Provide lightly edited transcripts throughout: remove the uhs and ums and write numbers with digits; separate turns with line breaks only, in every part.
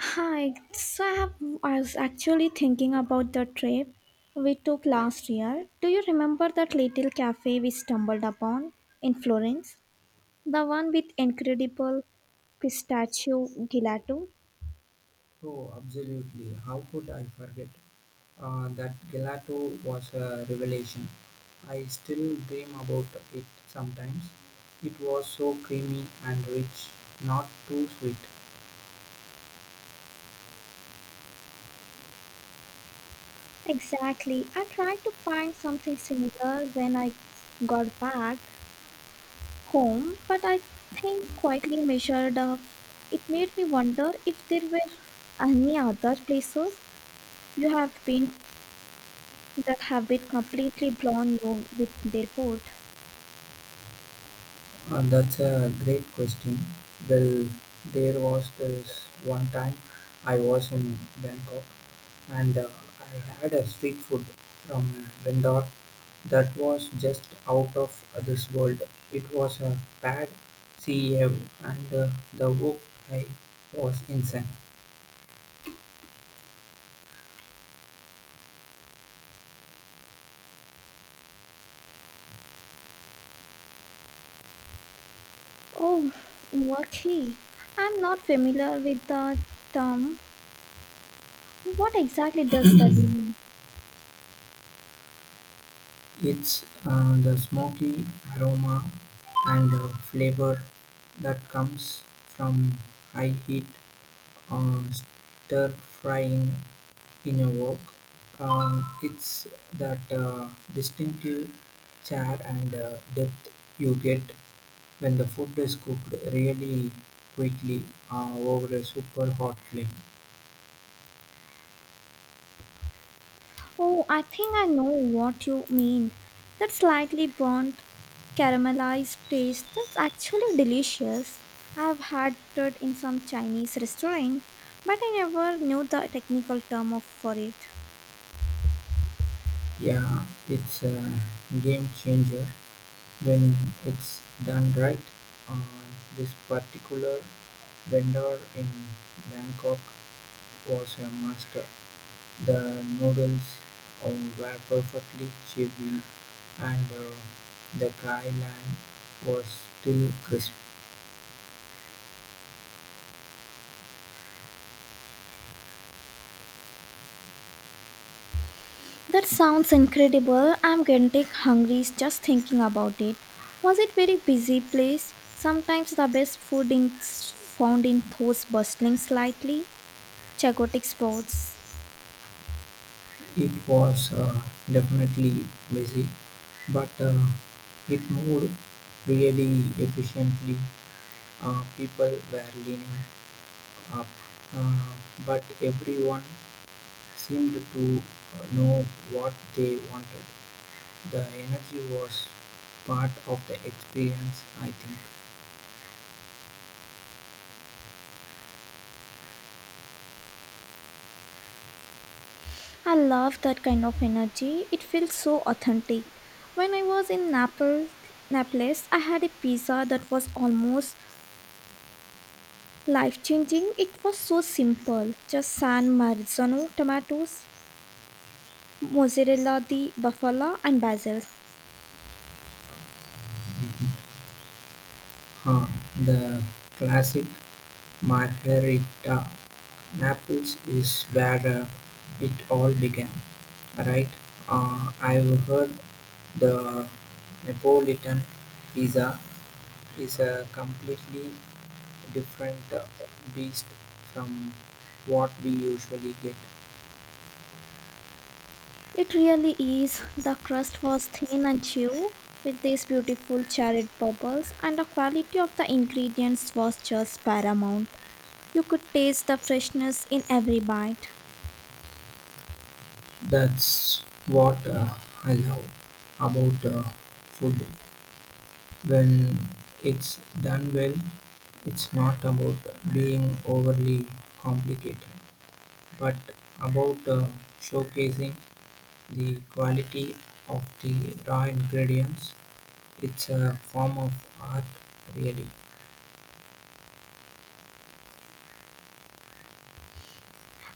Hi, so I was actually thinking about the trip we took last year. Do you remember that little cafe we stumbled upon in Florence? The one with incredible pistachio gelato?
Oh, absolutely. How could I forget? That gelato was a revelation. I still dream about it sometimes. It was so creamy and rich, not too sweet.
Exactly. I tried to find something similar when I got back home, but I think quietly measured up. It made me wonder if there were any other places you have been that have been completely blown you with their food.
That's a great question. Well, there was this one time I was in Bangkok and I had a street food from a vendor that was just out of this world. It was a bad cave, and the walk I was inside.
Oh, wakhi. I'm not familiar with the term. What exactly does that mean?
It's the smoky aroma and flavor that comes from high heat or stir frying in a wok. It's that distinctive char and depth you get when the food is cooked really quickly over a super hot flame.
Oh, I think I know what you mean. That slightly burnt, caramelized taste that's actually delicious. I've had it in some Chinese restaurant, but I never knew the technical term of for it.
Yeah, it's a game changer when it's done right. Uh, this particular vendor in Bangkok was a master. The noodles uh, were perfectly chewy, and the Kai Lan was still crisp.
That sounds incredible. I'm getting hungry just thinking about it. Was it very busy place? Sometimes the best food is found in those bustling, slightly chaotic spots.
It was definitely busy, but it moved really efficiently. People were lining up, uh, but everyone seemed to know what they wanted. The energy was part of the experience, I think.
I love that kind of energy. It feels so authentic. When I was in Naples, I had a pizza that was almost life-changing. It was so simple, just San Marzano tomatoes, mozzarella, di bufala, and basil.
Huh. The classic margarita. Naples is where it all began, right? I've heard the Neapolitan pizza is a completely different beast from what we usually get.
It really is. The crust was thin and chew with these beautiful charred bubbles, and the quality of the ingredients was just paramount. You could taste the freshness in every bite.
That's what I love about food. When it's done well, it's not about being overly complicated, but about showcasing the quality of the raw ingredients. It's a form of art, really,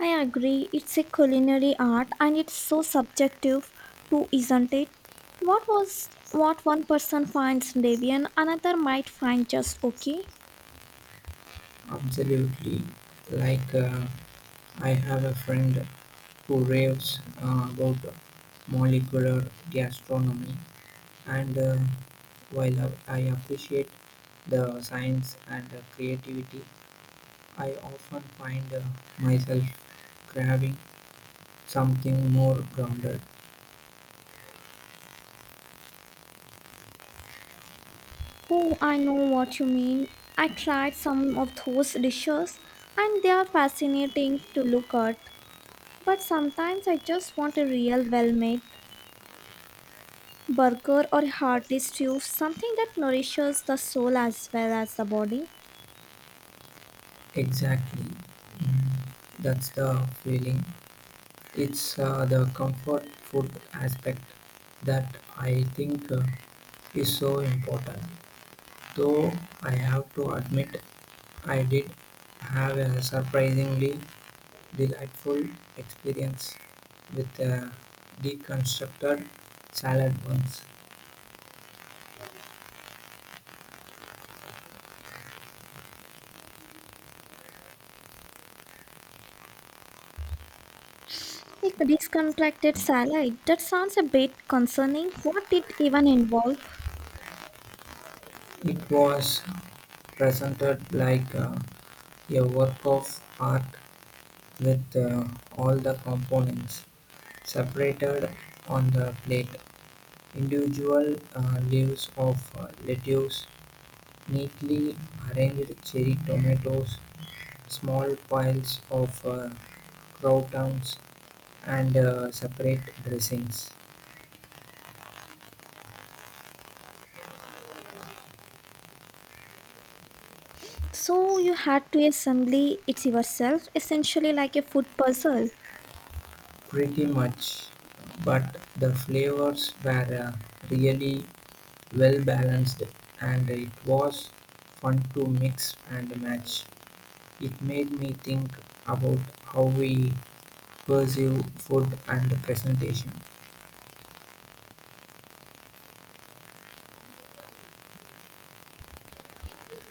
I agree, it's a culinary art and it's so subjective too, isn't it? What one person finds deviant, another might find just okay.
absolutely like. I have a friend who raves about molecular gastronomy, and while I appreciate the science and the creativity, I often find myself craving something more grounded.
Oh, I know what you mean. I tried some of those dishes and they are fascinating to look at. But sometimes I just want a real well made burger or a hearty stew, something that nourishes the soul as well as the body.
Exactly. Mm, That's the feeling. It's the comfort food aspect that I think is so important. Though I have to admit I did have a surprisingly delightful experience with a deconstructed salad once.
Like a discontracted salad, that sounds a bit concerning. What it even involve?
It was presented like a work of art with all the components separated on the plate. Individual leaves of lettuce, neatly arranged cherry tomatoes, small piles of croutons, and separate dressings.
So you had to assemble it yourself, essentially like a food puzzle.
Pretty much, but the flavors were really well balanced, and it was fun to mix and match. It made me think about how we perceive food and presentation.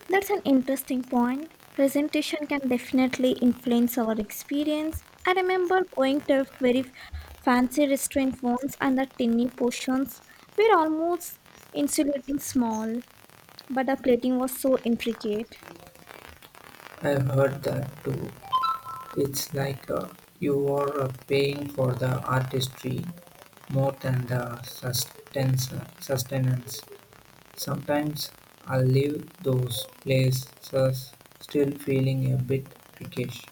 That's an interesting point. Presentation can definitely influence our experience. I remember going to a very fancy restaurant once and the tiny portions were almost insulating small, but the plating was so intricate.
I've heard that too. It's like you are paying for the artistry more than the sustenance. Sometimes I leave those places still feeling a bit peckish.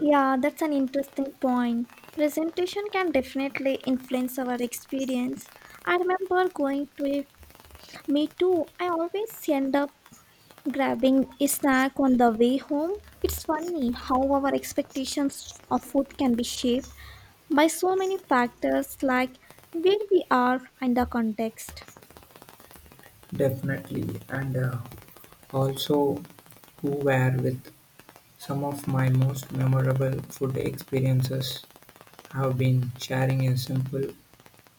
Yeah, that's an interesting point. Presentation can definitely influence our experience. I remember going to a me too. I always end up grabbing a snack on the way home. It's funny how our expectations of food can be shaped by so many factors like where we are and the context.
Definitely, and also who were with. Some of my most memorable food experiences have been sharing a simple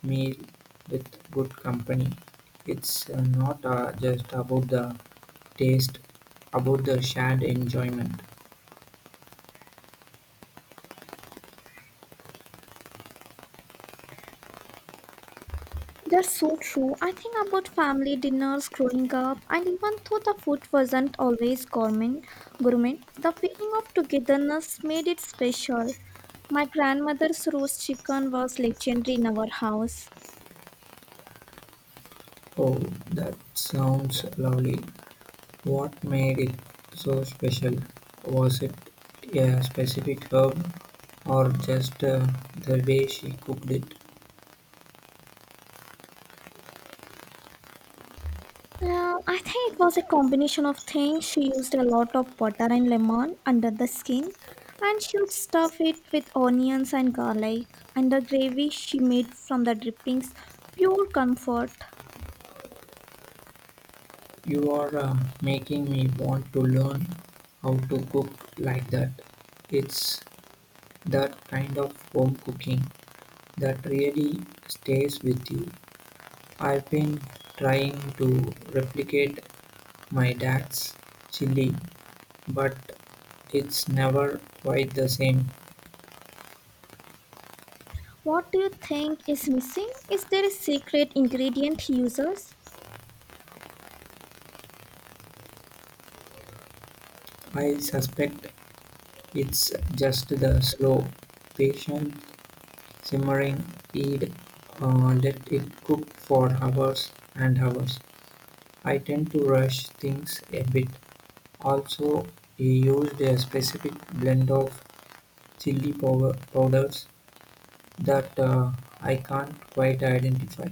meal with good company. It's not just about the taste, about the shared enjoyment.
That's so true. I think about family dinners growing up, and even though the food wasn't always gourmet, the feeling of togetherness made it special. My grandmother's roast chicken was legendary in our house.
Oh, that sounds lovely. What made it so special? Was it a specific herb, or just the way she cooked it?
Well, I think it was a combination of things. She used a lot of butter and lemon under the skin, and she would stuff it with onions and garlic. And the gravy she made from the drippings, pure comfort.
You are making me want to learn how to cook like that. It's that kind of home cooking that really stays with you. I've been trying to replicate my dad's chili, but it's never quite the same.
What do you think is missing? Is there a secret ingredient he uses?
I suspect it's just the slow, patient simmering heat. Let it cook for hours and hours. I tend to rush things a bit. Also, he used a specific blend of chili powders that I can't quite identify.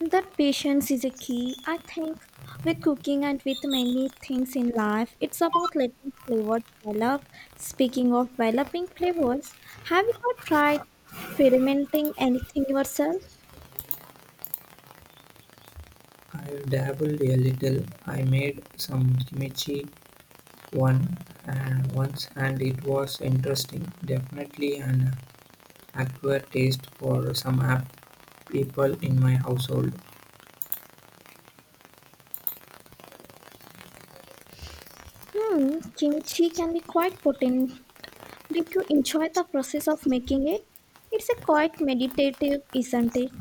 That patience is a key. I think with cooking and with many things in life, it's about letting flavors develop. Speaking of developing flavors, have you ever tried fermenting anything yourself?
I dabbled a little. I made some kimchi one once, and it was interesting. Definitely an acquired taste for some apple. People in my household.
Hmm, kimchi can be quite potent. Did you enjoy the process of making it? It's a quite meditative, isn't it?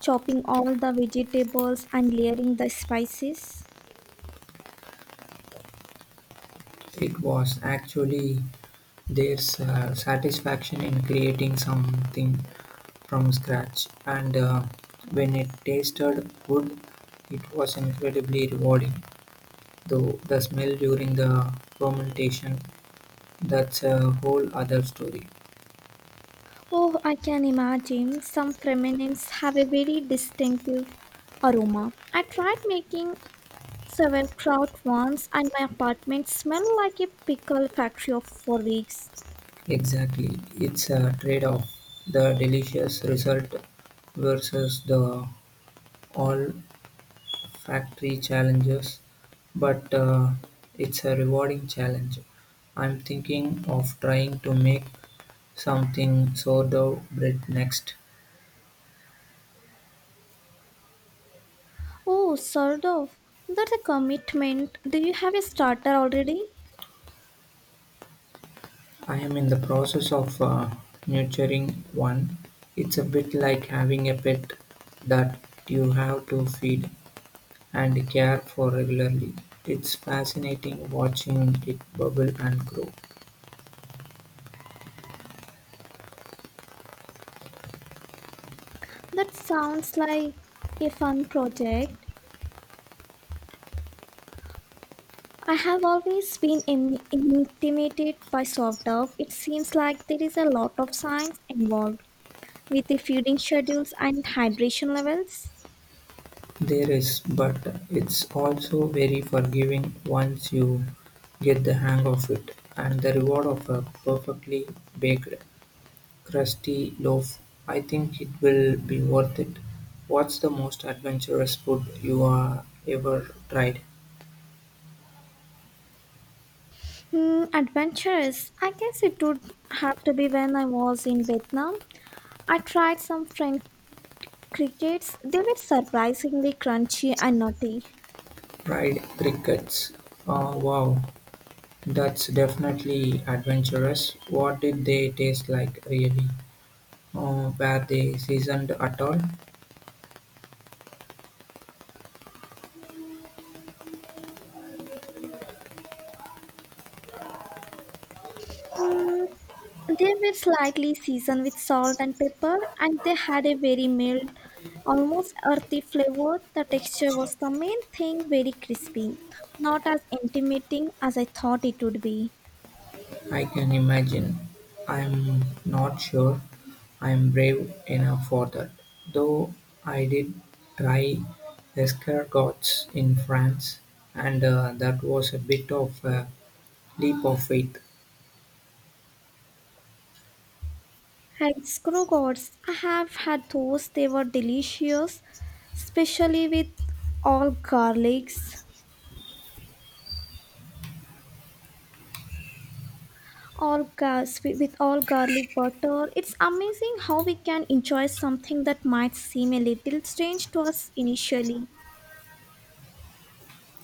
Chopping all the vegetables and layering the spices.
It was actually their satisfaction in creating something from scratch, and when it tasted good, it was incredibly rewarding. Though the smell during the fermentation, that's a whole other story.
Oh, I can imagine. Some feminines have a very distinctive aroma. I tried making sauerkraut once, and my apartment smelled like a pickle factory of for weeks.
Exactly, it's a trade off. The delicious result versus the all factory challenges, but it's a rewarding challenge. I'm thinking of trying to make something sourdough bread next.
Oh, sort. That's a commitment. Do you have a starter already?
I am in the process of nurturing one. It's a bit like having a pet that you have to feed and care for regularly. It's fascinating watching it bubble and grow.
That sounds like a fun project. I have always been intimidated by soft dove. It seems like there is a lot of science involved with the feeding schedules and hydration levels?
There is, but it's also very forgiving once you get the hang of it. And the reward of a perfectly baked, crusty loaf, I think it will be worth it. What's the most adventurous food you are ever tried?
Hmm, adventurous. I guess it would have to be when I was in Vietnam. I tried some French crickets. They were surprisingly crunchy and nutty.
Fried crickets. Oh, wow, that's definitely adventurous. What did they taste like, really? Oh, were they seasoned at all?
Hmm, they were slightly seasoned with salt and pepper, and they had a very mild, almost earthy flavor. The texture was the main thing, very crispy, not as intimidating as I thought it would be.
I can imagine. I'm not sure I'm brave enough for that, though I did try escargots in France, and that was a bit of a leap of faith.
And scrogots, I have had those. They were delicious, especially with all garlics, all gas with all garlic butter. It's amazing how we can enjoy something that might seem a little strange to us initially.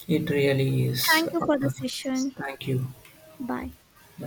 It really is.
Thank you for the session.
Thank you.
Bye.